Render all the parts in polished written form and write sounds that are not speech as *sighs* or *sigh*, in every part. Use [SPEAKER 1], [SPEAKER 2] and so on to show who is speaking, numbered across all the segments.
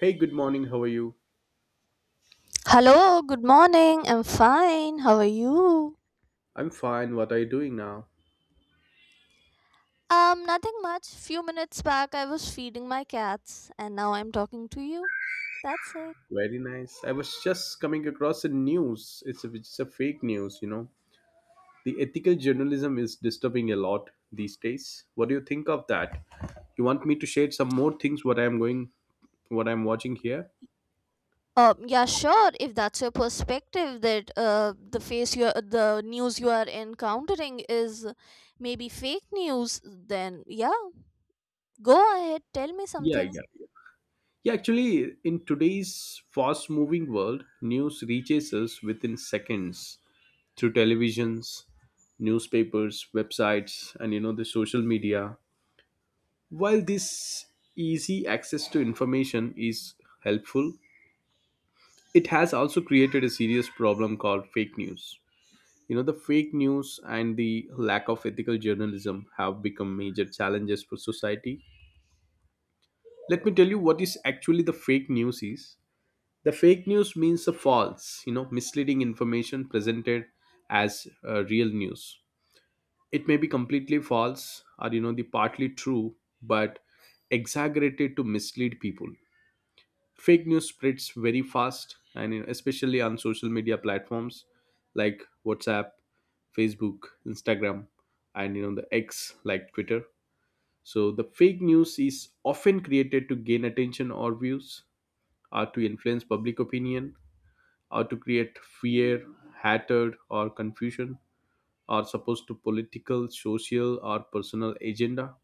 [SPEAKER 1] Hey, good morning. How are you?
[SPEAKER 2] Hello, good morning. I'm fine. How are you?
[SPEAKER 1] I'm fine. What are you doing now?
[SPEAKER 2] Nothing much. Few minutes back, I was feeding my cats, and now I'm talking to you. That's it.
[SPEAKER 1] Very nice. I was just coming across a news. It's a fake news, you know. The ethical journalism is disturbing a lot these days. What do you think of that? You want me to share some more things what I'm going what I'm watching here?
[SPEAKER 2] Yeah, sure. If that's your perspective, that the face you, are the news you are encountering is maybe fake news, then yeah, go ahead. Tell me
[SPEAKER 1] Yeah, yeah.
[SPEAKER 2] something.
[SPEAKER 1] Yeah, actually, in today's fast moving world, news reaches us within seconds through televisions, newspapers, websites, and you know, the social media. While this easy access to information is helpful, it has also created a serious problem called fake news. You know, the fake news and the lack of ethical journalism have become major challenges for society. Let me tell you what is actually the fake news is. The fake news means the false, you know, misleading information presented as real news. It may be completely false or, you know, the partly true, but exaggerated to mislead people. Fake news spreads very fast and you know, especially on social media platforms like WhatsApp, Facebook, Instagram, and you know the X like Twitter. So the fake news is often created to gain attention or views, or to influence public opinion, or to create fear, hatred, or confusion, or supposed to political, social, or personal agenda.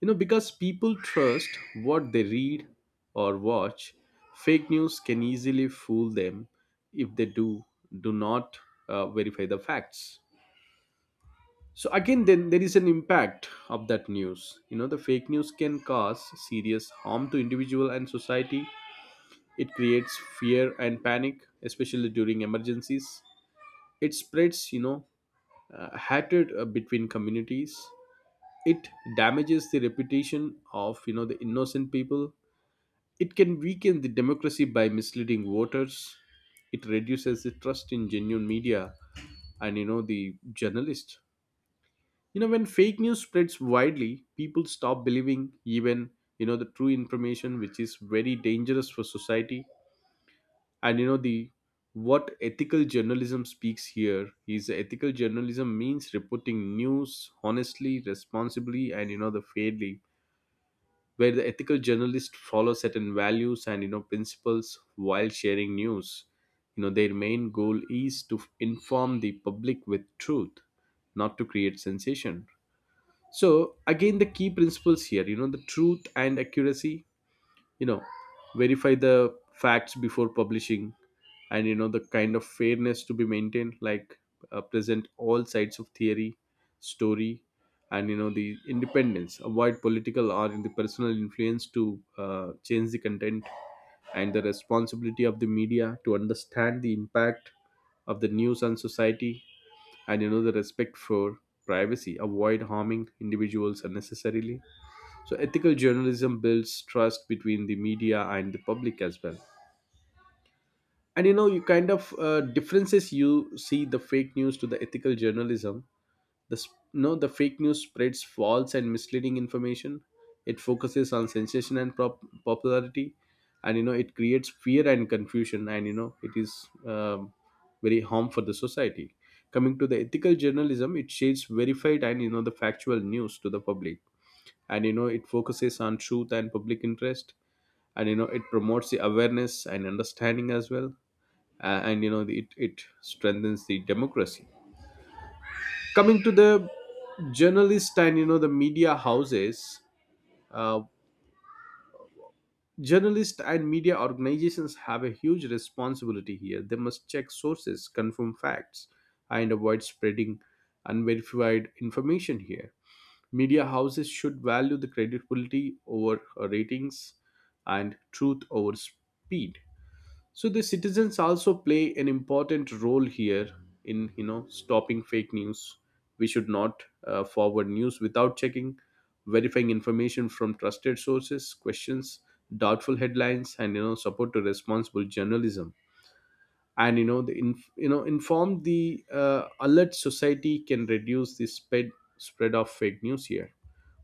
[SPEAKER 1] You know, because people trust what they read or watch, fake news can easily fool them if they do not verify the facts. So again, then there is an impact of that news. You know, the fake news can cause serious harm to individual and society. It creates fear and panic, especially during emergencies. It spreads, you know, hatred between communities. It damages the reputation of, you know, the innocent people. It can weaken the democracy by misleading voters. It reduces the trust in genuine media and you know the journalists. You know, when fake news spreads widely, people stop believing even you know the true information, which is very dangerous for society. And you know the what ethical journalism speaks here is ethical journalism means reporting news honestly, responsibly, and you know the fairly, where the ethical journalists follow certain values and you know principles while sharing news. You know, their main goal is to inform the public with truth, not to create sensation. So again, the key principles here, you know, the truth and accuracy, you know, verify the facts before publishing, and you know the kind of fairness to be maintained, like present all sides of theory story, and you know the independence, avoid political or in the personal influence to change the content, and the responsibility of the media to understand the impact of the news on society, and you know the respect for privacy, avoid harming individuals unnecessarily. So ethical journalism builds trust between the media and the public as well. And you know, you kind of differences you see the fake news to the ethical journalism. You know, the fake news spreads false and misleading information. It focuses on sensation and popularity, and you know it creates fear and confusion, and you know it is very harm for the society. Coming to the ethical journalism, it shades verified and you know the factual news to the public, and you know it focuses on truth and public interest, and you know it promotes the awareness and understanding as well, and you know it strengthens the democracy. Coming to the journalists and you know the media houses, uh, journalists and media organizations have a huge responsibility here. They must check sources, confirm facts, and avoid spreading unverified information here. Media houses should value the credibility over ratings and truth over speed. So the citizens also play an important role here in you know stopping fake news. We should not forward news without checking, verifying information from trusted sources, questions doubtful headlines, and you know support to responsible journalism, and you know you know informed the alert society can reduce the spread of fake news here.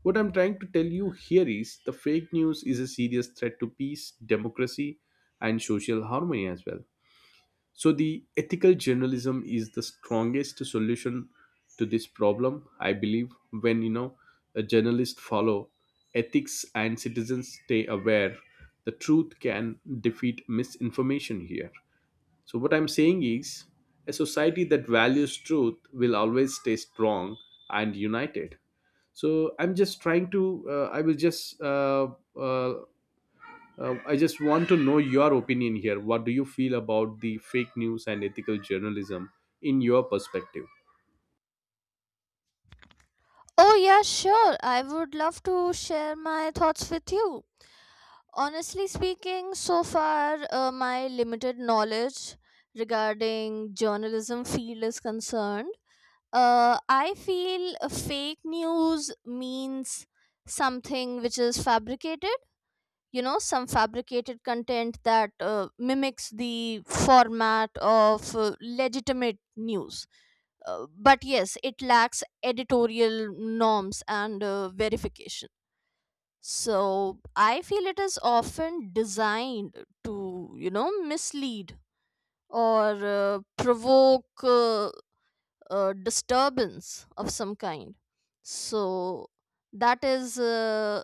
[SPEAKER 1] What I'm trying to tell you here is the fake news is a serious threat to peace, democracy, and social harmony as well. So the ethical journalism is the strongest solution to this problem, I believe. When you know a journalist follow ethics and citizens stay aware, the truth can defeat misinformation here. So, what I'm saying is, a society that values truth will always stay strong and united. So, I'm just trying to, I will just, uh, I just want to know your opinion here. What do you feel about the fake news and ethical journalism in your perspective?
[SPEAKER 2] Oh yeah, sure. I would love to share my thoughts with you. Honestly speaking, so far my limited knowledge regarding journalism field is concerned. I feel fake news means something which is fabricated. You know, some fabricated content that mimics the format of legitimate news. But yes, it lacks editorial norms and verification. So I feel it is often designed to, you know, mislead or provoke disturbance of some kind. So that is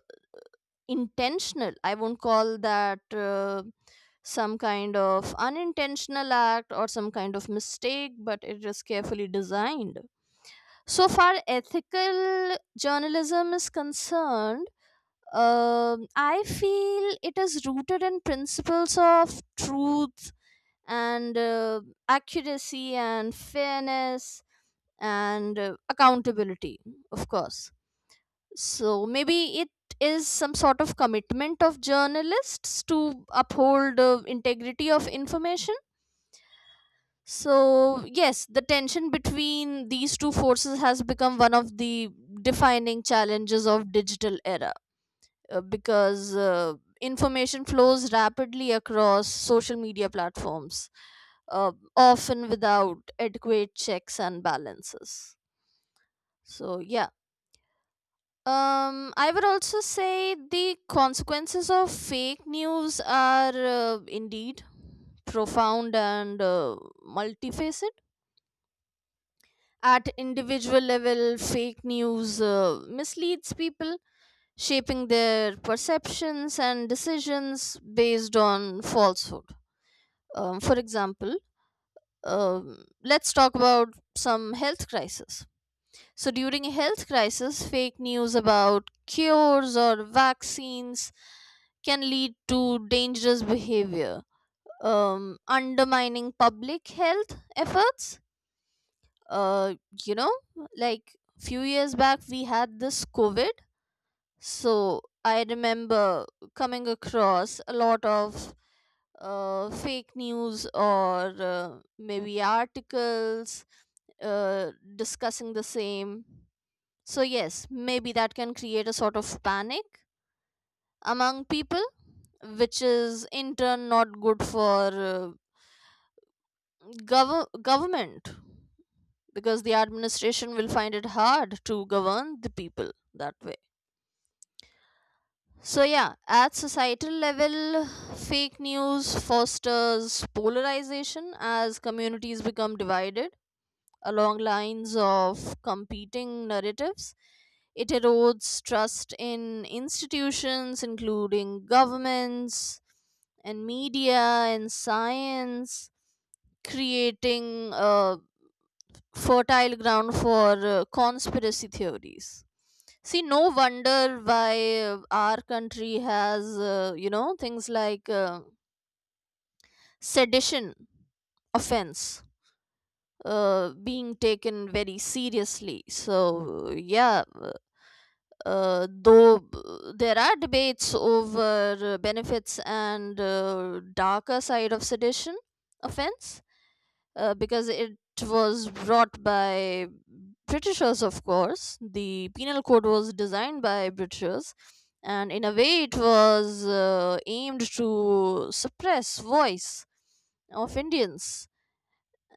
[SPEAKER 2] intentional. I won't call that some kind of unintentional act or some kind of mistake, but it is carefully designed. So far, ethical journalism is concerned, I feel it is rooted in principles of truth and accuracy and fairness and accountability, of course. So maybe it is some sort of commitment of journalists to uphold integrity of information. So yes, the tension between these two forces has become one of the defining challenges of digital era. Because information flows rapidly across social media platforms, often without adequate checks and balances. So, yeah. I would also say the consequences of fake news are indeed profound and multifaceted. At individual level, fake news misleads people, shaping their perceptions and decisions based on falsehood. For example, let's talk about some health crisis. So, during a health crisis, fake news about cures or vaccines can lead to dangerous behavior, undermining public health efforts. Uh, you know, like few years back, we had this COVID. So I remember coming across a lot of fake news or maybe articles uh, discussing the same. So, yes, maybe that can create a sort of panic among people, which is in turn not good for government, because the administration will find it hard to govern the people that way. So, yeah, at societal level, fake news fosters polarization as communities become divided along lines of competing narratives. It erodes trust in institutions, including governments and media and science, creating a fertile ground for conspiracy theories. See, no wonder why our country has, you know, things like sedition offense being taken very seriously. So, yeah, though there are debates over benefits and darker side of sedition offense, because it was brought by Britishers, of course. The penal code was designed by Britishers, and in a way, it was aimed to suppress voice of Indians.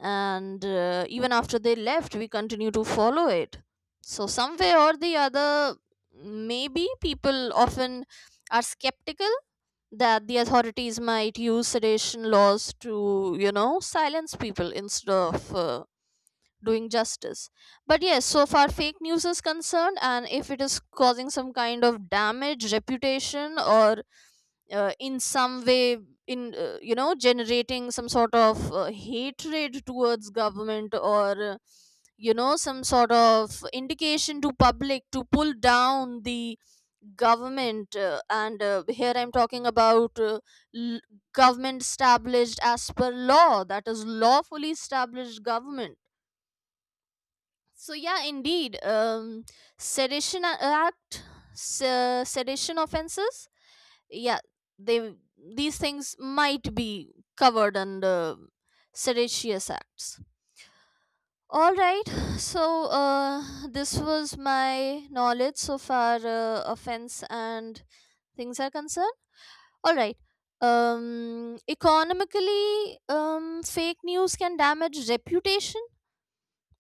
[SPEAKER 2] And even after they left, we continue to follow it. So, some way or the other, maybe people often are skeptical that the authorities might use sedition laws to, you know, silence people instead of doing justice. But yes, so far fake news is concerned, and if it is causing some kind of damage, reputation, or in some way, in you know, generating some sort of hatred towards government, or you know, some sort of indication to public to pull down the government, and here I'm talking about l- government established as per law, that is lawfully established government. So yeah, indeed, act, sedition offenses. Yeah, they, these things might be covered under seditious acts. All right, so this was my knowledge so far offense and things are concerned. All right, economically, fake news can damage reputation,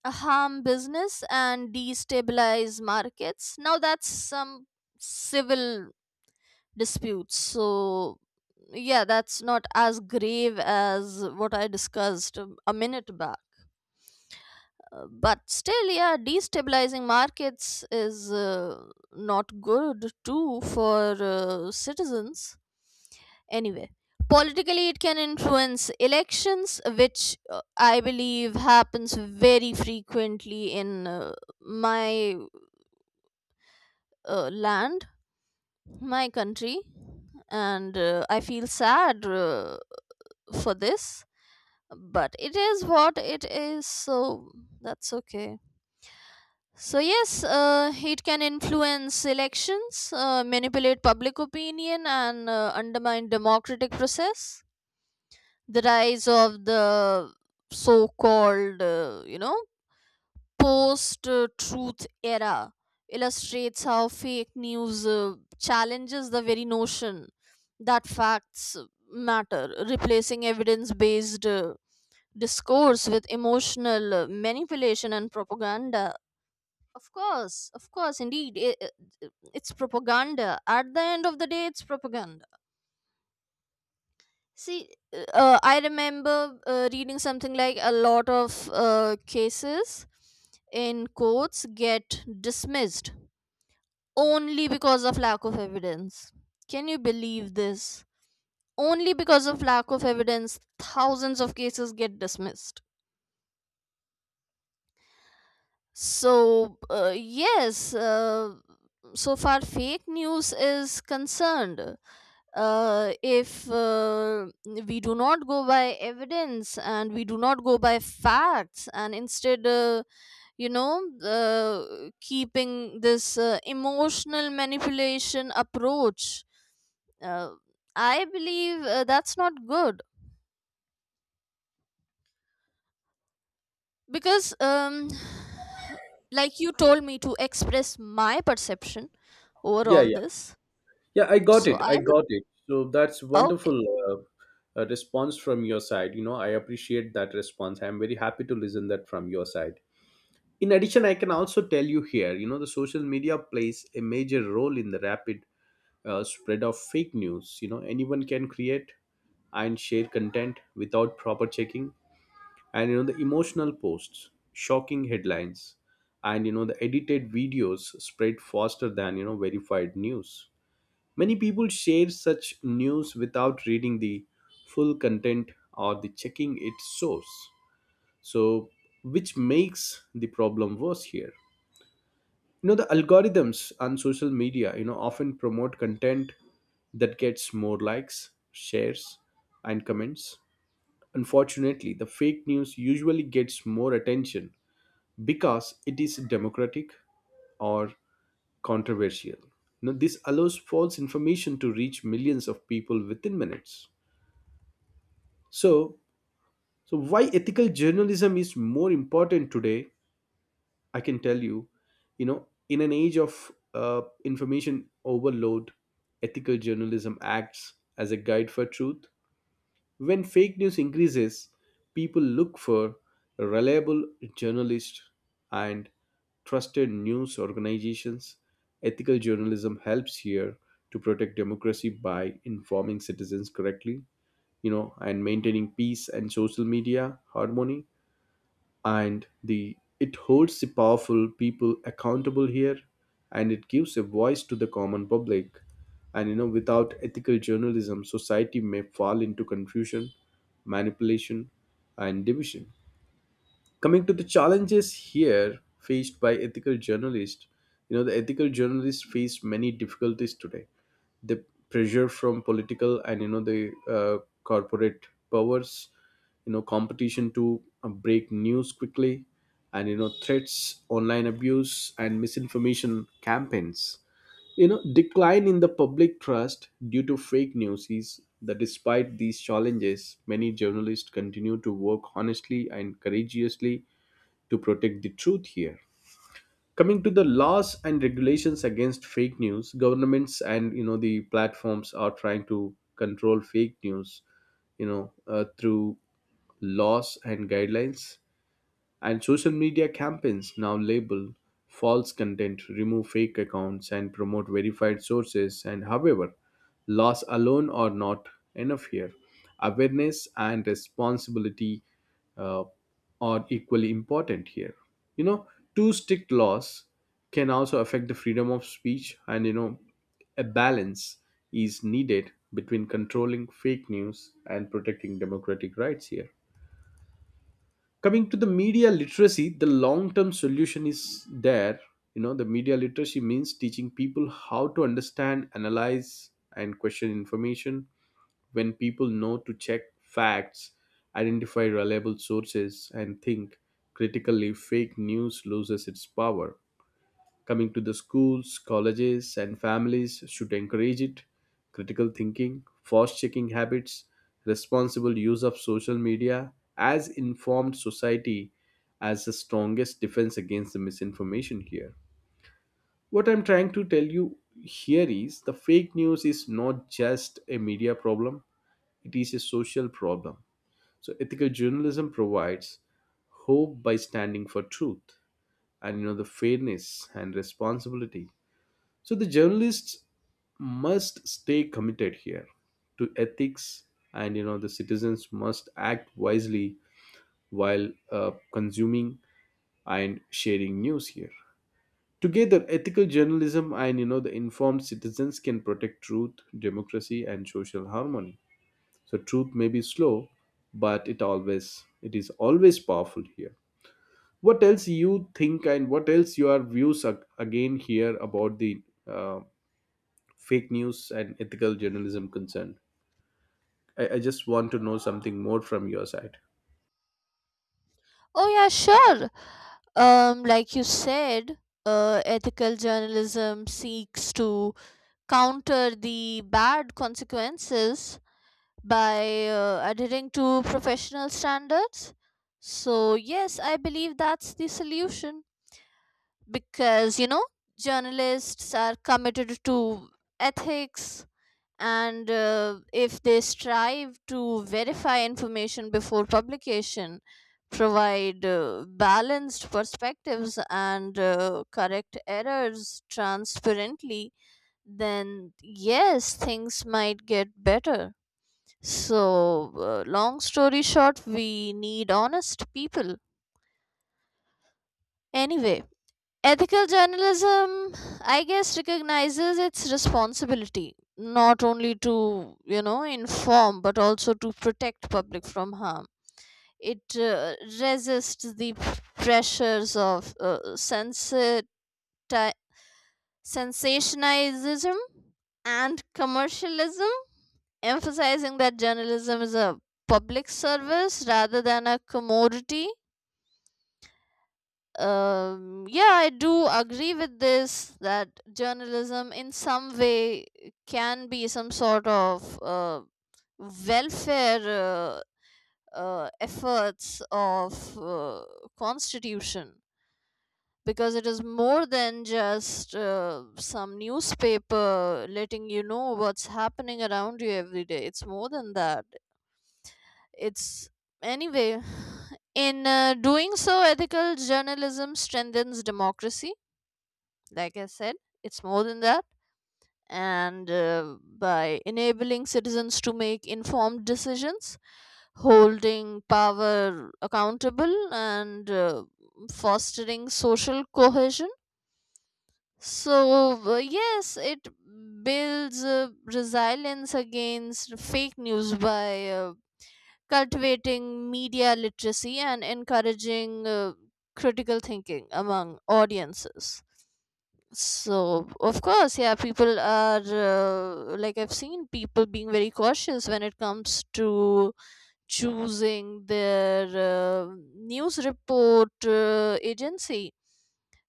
[SPEAKER 2] harm business, and destabilize markets. Now that's some civil disputes. So yeah, that's not as grave as what I discussed a minute back. But still, yeah, destabilizing markets is not good too for citizens. Anyway, politically it can influence elections, which I believe happens very frequently in my land, my country, and I feel sad for this, but it is what it is, so that's okay. So, yes, it can influence elections, manipulate public opinion, and undermine democratic process. The rise of the so-called, post-truth era illustrates how fake news challenges the very notion that facts matter, replacing evidence-based discourse with emotional manipulation and propaganda. Of course, indeed. I- it's propaganda. At the end of the day, it's propaganda. See, I remember reading something, like a lot of cases in courts get dismissed only because of lack of evidence. Can you believe this? Only because of lack of evidence, thousands of cases get dismissed. So, yes, so far fake news is concerned, if we do not go by evidence and we do not go by facts, and instead, keeping this emotional manipulation approach, uh, I believe that's not good because, like you told me to express my perception over
[SPEAKER 1] Yeah,
[SPEAKER 2] all
[SPEAKER 1] yeah,
[SPEAKER 2] this,
[SPEAKER 1] yeah. I got
[SPEAKER 2] so
[SPEAKER 1] it.
[SPEAKER 2] I
[SPEAKER 1] I
[SPEAKER 2] would,
[SPEAKER 1] got it. So that's
[SPEAKER 2] okay.
[SPEAKER 1] wonderful response from your side. You know, I appreciate that response. I'm very happy to listen that from your side. In addition, I can also tell you here, you know, the social media plays a major role in the rapid spread of fake news. You know, anyone can create and share content without proper checking, and you know the emotional posts, shocking headlines, and you know the edited videos spread faster than you know verified news. Many people share such news without reading the full content or the checking its source, so which makes the problem worse here. You know the algorithms on social media you know often promote content that gets more likes, shares, and comments. Unfortunately, the fake news usually gets more attention because it is democratic or controversial. Now, this allows false information to reach millions of people within minutes. So, so why ethical journalism is more important today, I can tell you, you know, in an age of information overload, ethical journalism acts as a guide for truth. When fake news increases, people look for reliable journalists and trusted news organizations. Ethical journalism helps here to protect democracy by informing citizens correctly, you know, and maintaining peace and social media harmony, and the it holds the powerful people accountable here, and it gives a voice to the common public. And you know, without ethical journalism, society may fall into confusion, manipulation, and division. Coming to the challenges here faced by ethical journalists, you know the ethical journalists face many difficulties today. The pressure from political and you know the uh, corporate powers, you know competition to break news quickly, and you know threats, online abuse, and misinformation campaigns, you know decline in the public trust due to fake news is that, despite these challenges, many journalists continue to work honestly and courageously to protect the truth here. Coming to the laws and regulations against fake news, governments and you know the platforms are trying to control fake news, you know through laws and guidelines, and social media campaigns now label false content, remove fake accounts, and promote verified sources. And however, laws alone are not enough here. Awareness and responsibility uh, are equally important here. You know, too strict laws can also affect the freedom of speech, and you know, a balance is needed between controlling fake news and protecting democratic rights here. Coming to the media literacy, the long term solution is there. You know the media literacy means teaching people how to understand, analyze, and question information. When people know to check facts, identify reliable sources, and think critically, fake news loses its power. Coming to the schools, colleges, and families should encourage it. Critical thinking, fact checking habits, responsible use of social media, as informed society as the strongest defense against the misinformation here. What I'm trying to tell you here is the fake news is not just a media problem, it is a social problem. So ethical journalism provides hope by standing for truth and you know the fairness and responsibility. So the journalists must stay committed here to ethics, and you know the citizens must act wisely while consuming and sharing news here. Together, ethical journalism and you know the informed citizens can protect truth, democracy, and social harmony. So truth may be slow, but it is always powerful here. What else you think and what else your views again here about the uh, fake news and ethical journalism concerned? I just want to know something more from your side.
[SPEAKER 2] Oh yeah, sure. Like you said, ethical journalism seeks to counter the bad consequences by adhering to professional standards. So yes, I believe that's the solution, because you know, journalists are committed to ethics, and if they strive to verify information before publication, provide balanced perspectives, and correct errors transparently, then yes, things might get better. So long story short, we need honest people anyway. Ethical journalism, I guess, recognizes its responsibility not only to, you know, inform but also to protect public from harm. It resists the pressures of sensati- sensationalism and commercialism, emphasizing that journalism is a public service rather than a commodity. Yeah, I do agree with this, that journalism, in some way, can be some sort of welfare uh, efforts of constitution, because it is more than just some newspaper letting you know what's happening around you every day. It's more than that. It's anyway. *sighs* In doing so, ethical journalism strengthens democracy. Like I said, it's more than that. And by enabling citizens to make informed decisions, holding power accountable, and fostering social cohesion. So, yes, it builds resilience against fake news by cultivating media literacy and encouraging critical thinking among audiences. So, of course, yeah, people are like I've seen people being very cautious when it comes to choosing their news report agency.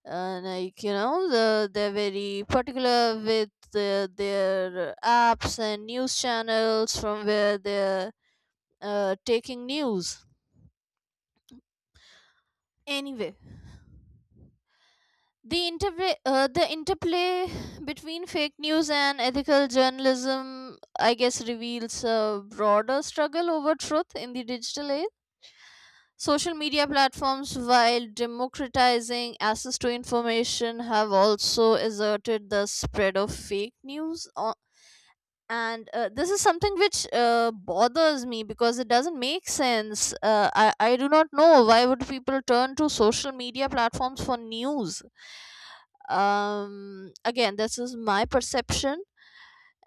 [SPEAKER 2] Like, you know, they're very particular with their apps and news channels from where they're taking news. Anyway. The interplay *sighs* between fake news and ethical journalism, I guess, reveals a broader struggle over truth in the digital age. Social media platforms, while democratizing access to information, have also asserted the spread of fake news. O- and This is something which bothers me, because it doesn't make sense. I do not know why would people turn to social media platforms for news. Again, this is my perception,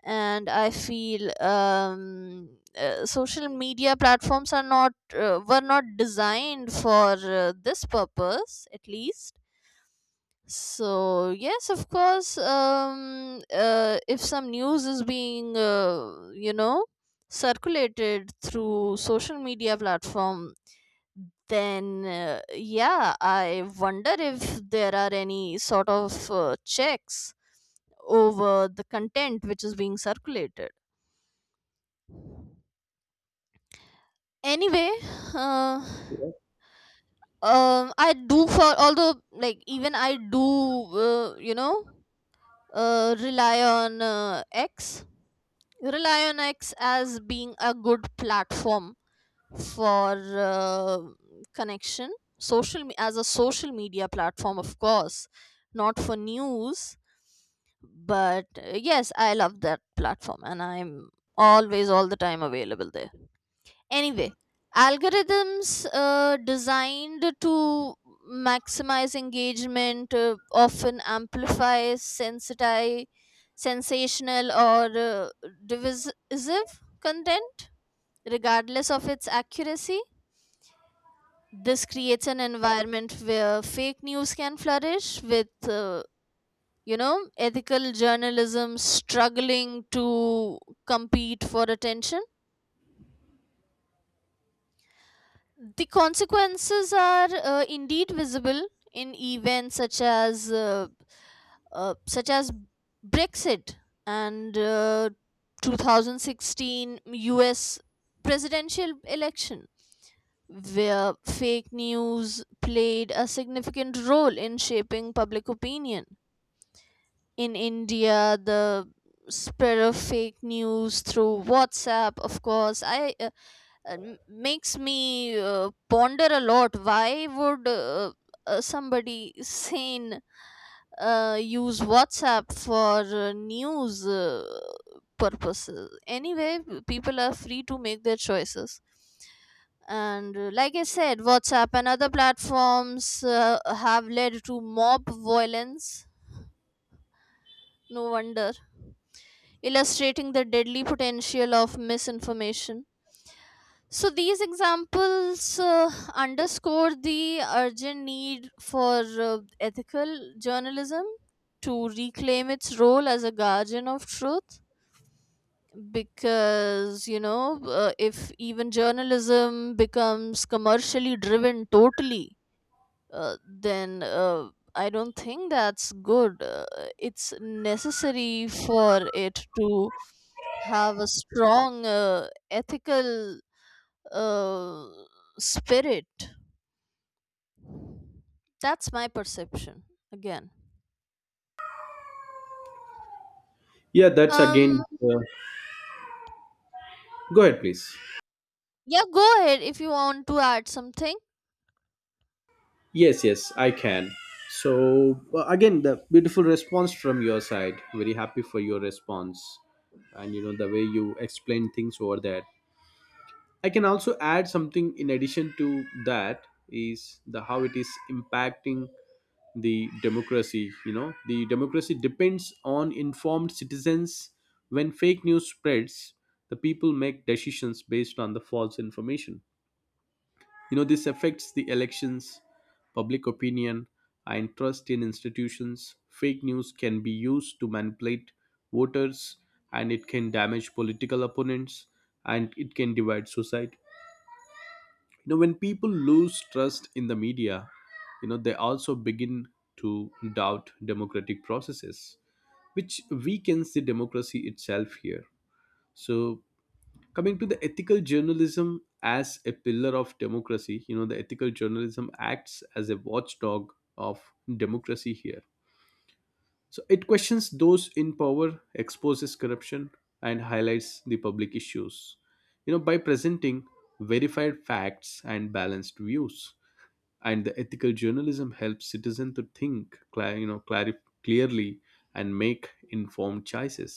[SPEAKER 2] and I feel, social media platforms are not were not designed for this purpose, at least. So yes, of course, if some news is being you know, circulated through social media platform, then uh, yeah, I wonder if there are any sort of checks over the content which is being circulated. Anyway, uh, I do for, although, like even I do, uh, you know rely on x rely on x as being a good platform for uh, connection, as a social media platform, of course, not for news. But yes, I love that platform and I'm always, all the time available there. Anyway, algorithms designed to maximize engagement often amplify sensitize sensational or divisive content, regardless of its accuracy. This creates an environment where fake news can flourish, with you know, ethical journalism struggling to compete for attention. The consequences are indeed visible in events such as Brexit and 2016 US presidential election, where fake news played a significant role in shaping public opinion. In India, the spread of fake news through WhatsApp, of course, makes me ponder a lot. Why would somebody sane use WhatsApp for news purposes? Anyway, people are free to make their choices, and like I said, WhatsApp and other platforms have led to mob violence, no wonder, illustrating the deadly potential of misinformation. So these examples underscore the urgent need for ethical journalism to reclaim its role as a guardian of truth, because you know, if even journalism becomes commercially driven totally, then I don't think that's good. It's necessary for it to have a strong ethical uh, spirit. That's my perception again.
[SPEAKER 1] Yeah, that's again.
[SPEAKER 2] Um,
[SPEAKER 1] Uh, Go ahead, please.
[SPEAKER 2] yeah, go ahead if you want to add something.
[SPEAKER 1] Yes, yes, I can. So again, the beautiful response from your side. Very happy for your response, and you know the way you explain things over there. I can also add something in addition to that is the how it is impacting the democracy. You know the democracy depends on informed citizens. When fake news spreads, the people make decisions based on the false information. You know, this affects the elections, public opinion, and trust in institutions. Fake news can be used to manipulate voters, and it can damage political opponents, and it can divide society. You know, when people lose trust in the media, you know they also begin to doubt democratic processes, which weakens the democracy itself here. So coming to the ethical journalism as a pillar of democracy, you know the ethical journalism acts as a watchdog of democracy here. So it questions those in power, exposes corruption, and highlights the public issues. You know, by presenting verified facts and balanced views, and the ethical journalism helps citizens to think you know clearly and make informed choices.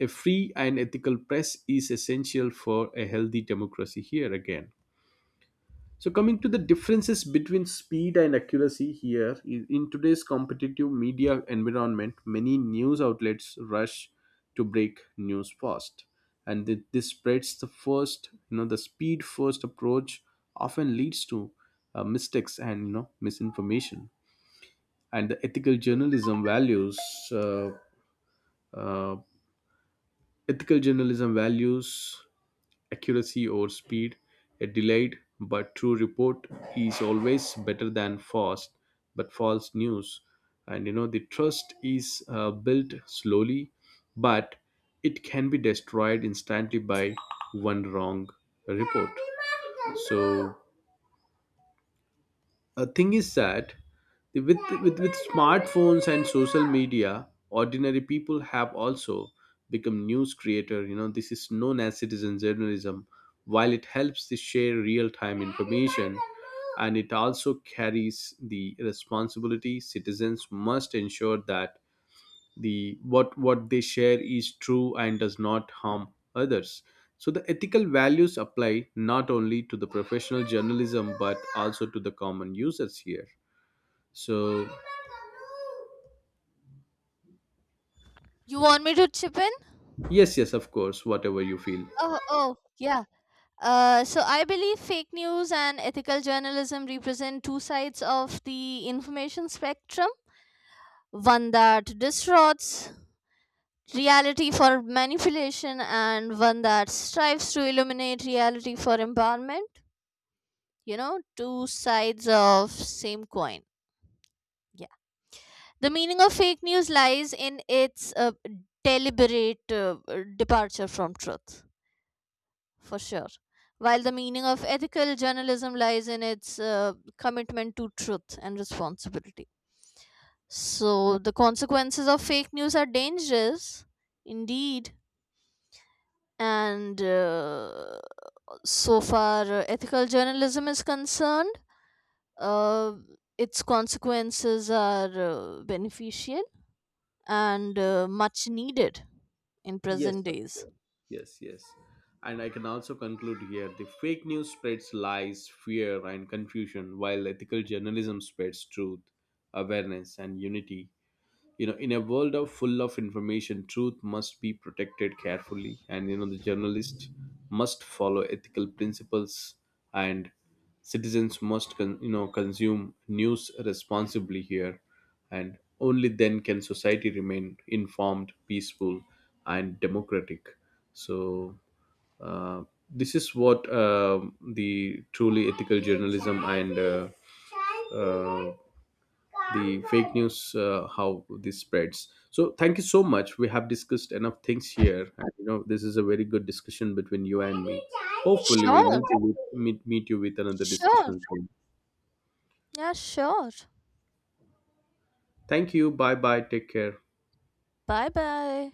[SPEAKER 1] A free and ethical press is essential for a healthy democracy here again. So coming to the differences between speed and accuracy here, in today's competitive media environment, many news outlets rush to break news fast, and this spreads the first, you know, the speed first approach often leads to mistakes and you know misinformation. And the uh, uh, ethical journalism values accuracy or speed. A delayed but true report is always better than fast but false news. And you know, the trust is built slowly, but it can be destroyed instantly by one wrong report. So, a thing is that with, with smartphones and social media, ordinary people have also become news creator. You know, this is known as citizen journalism. While it helps to share real time information, and it also carries the responsibility, citizens must ensure that the what they share is true and does not harm others. So the ethical values apply not only to the professional journalism but also to the common users here. So
[SPEAKER 2] You want me to chip in?
[SPEAKER 1] yes, yes, of course, whatever you feel.
[SPEAKER 2] Oh, oh, yeah. So I believe fake news and ethical journalism represent two sides of the information spectrum. One that distorts reality for manipulation and one that strives to illuminate reality for empowerment. You know, two sides of same coin. Yeah, the meaning of fake news lies in its deliberate departure from truth, for sure, while the meaning of ethical journalism lies in its commitment to truth and responsibility. So the consequences of fake news are dangerous, indeed, and so far ethical journalism is concerned, uh, its consequences are beneficial and much needed in
[SPEAKER 1] Yes,
[SPEAKER 2] present
[SPEAKER 1] of
[SPEAKER 2] days.
[SPEAKER 1] course. Yes, yes. And I can also conclude here, the fake news spreads lies, fear, and confusion, while ethical journalism spreads truth, awareness, and unity. You know, in a world of full of information, truth must be protected carefully, and you know the journalist must follow ethical principles, and citizens must you know consume news responsibly here, and only then can society remain informed, peaceful, and democratic. So uh, this is what the truly ethical journalism and uh, the fake news how this spreads. So thank you so much. We have discussed enough things here, and you know this is a very good discussion between you and me. Hopefully we'll meet
[SPEAKER 2] Sure.
[SPEAKER 1] you with, meet you with another
[SPEAKER 2] Sure.
[SPEAKER 1] discussion soon.
[SPEAKER 2] Yeah, sure.
[SPEAKER 1] Thank you. Bye bye, take care.
[SPEAKER 2] Bye bye.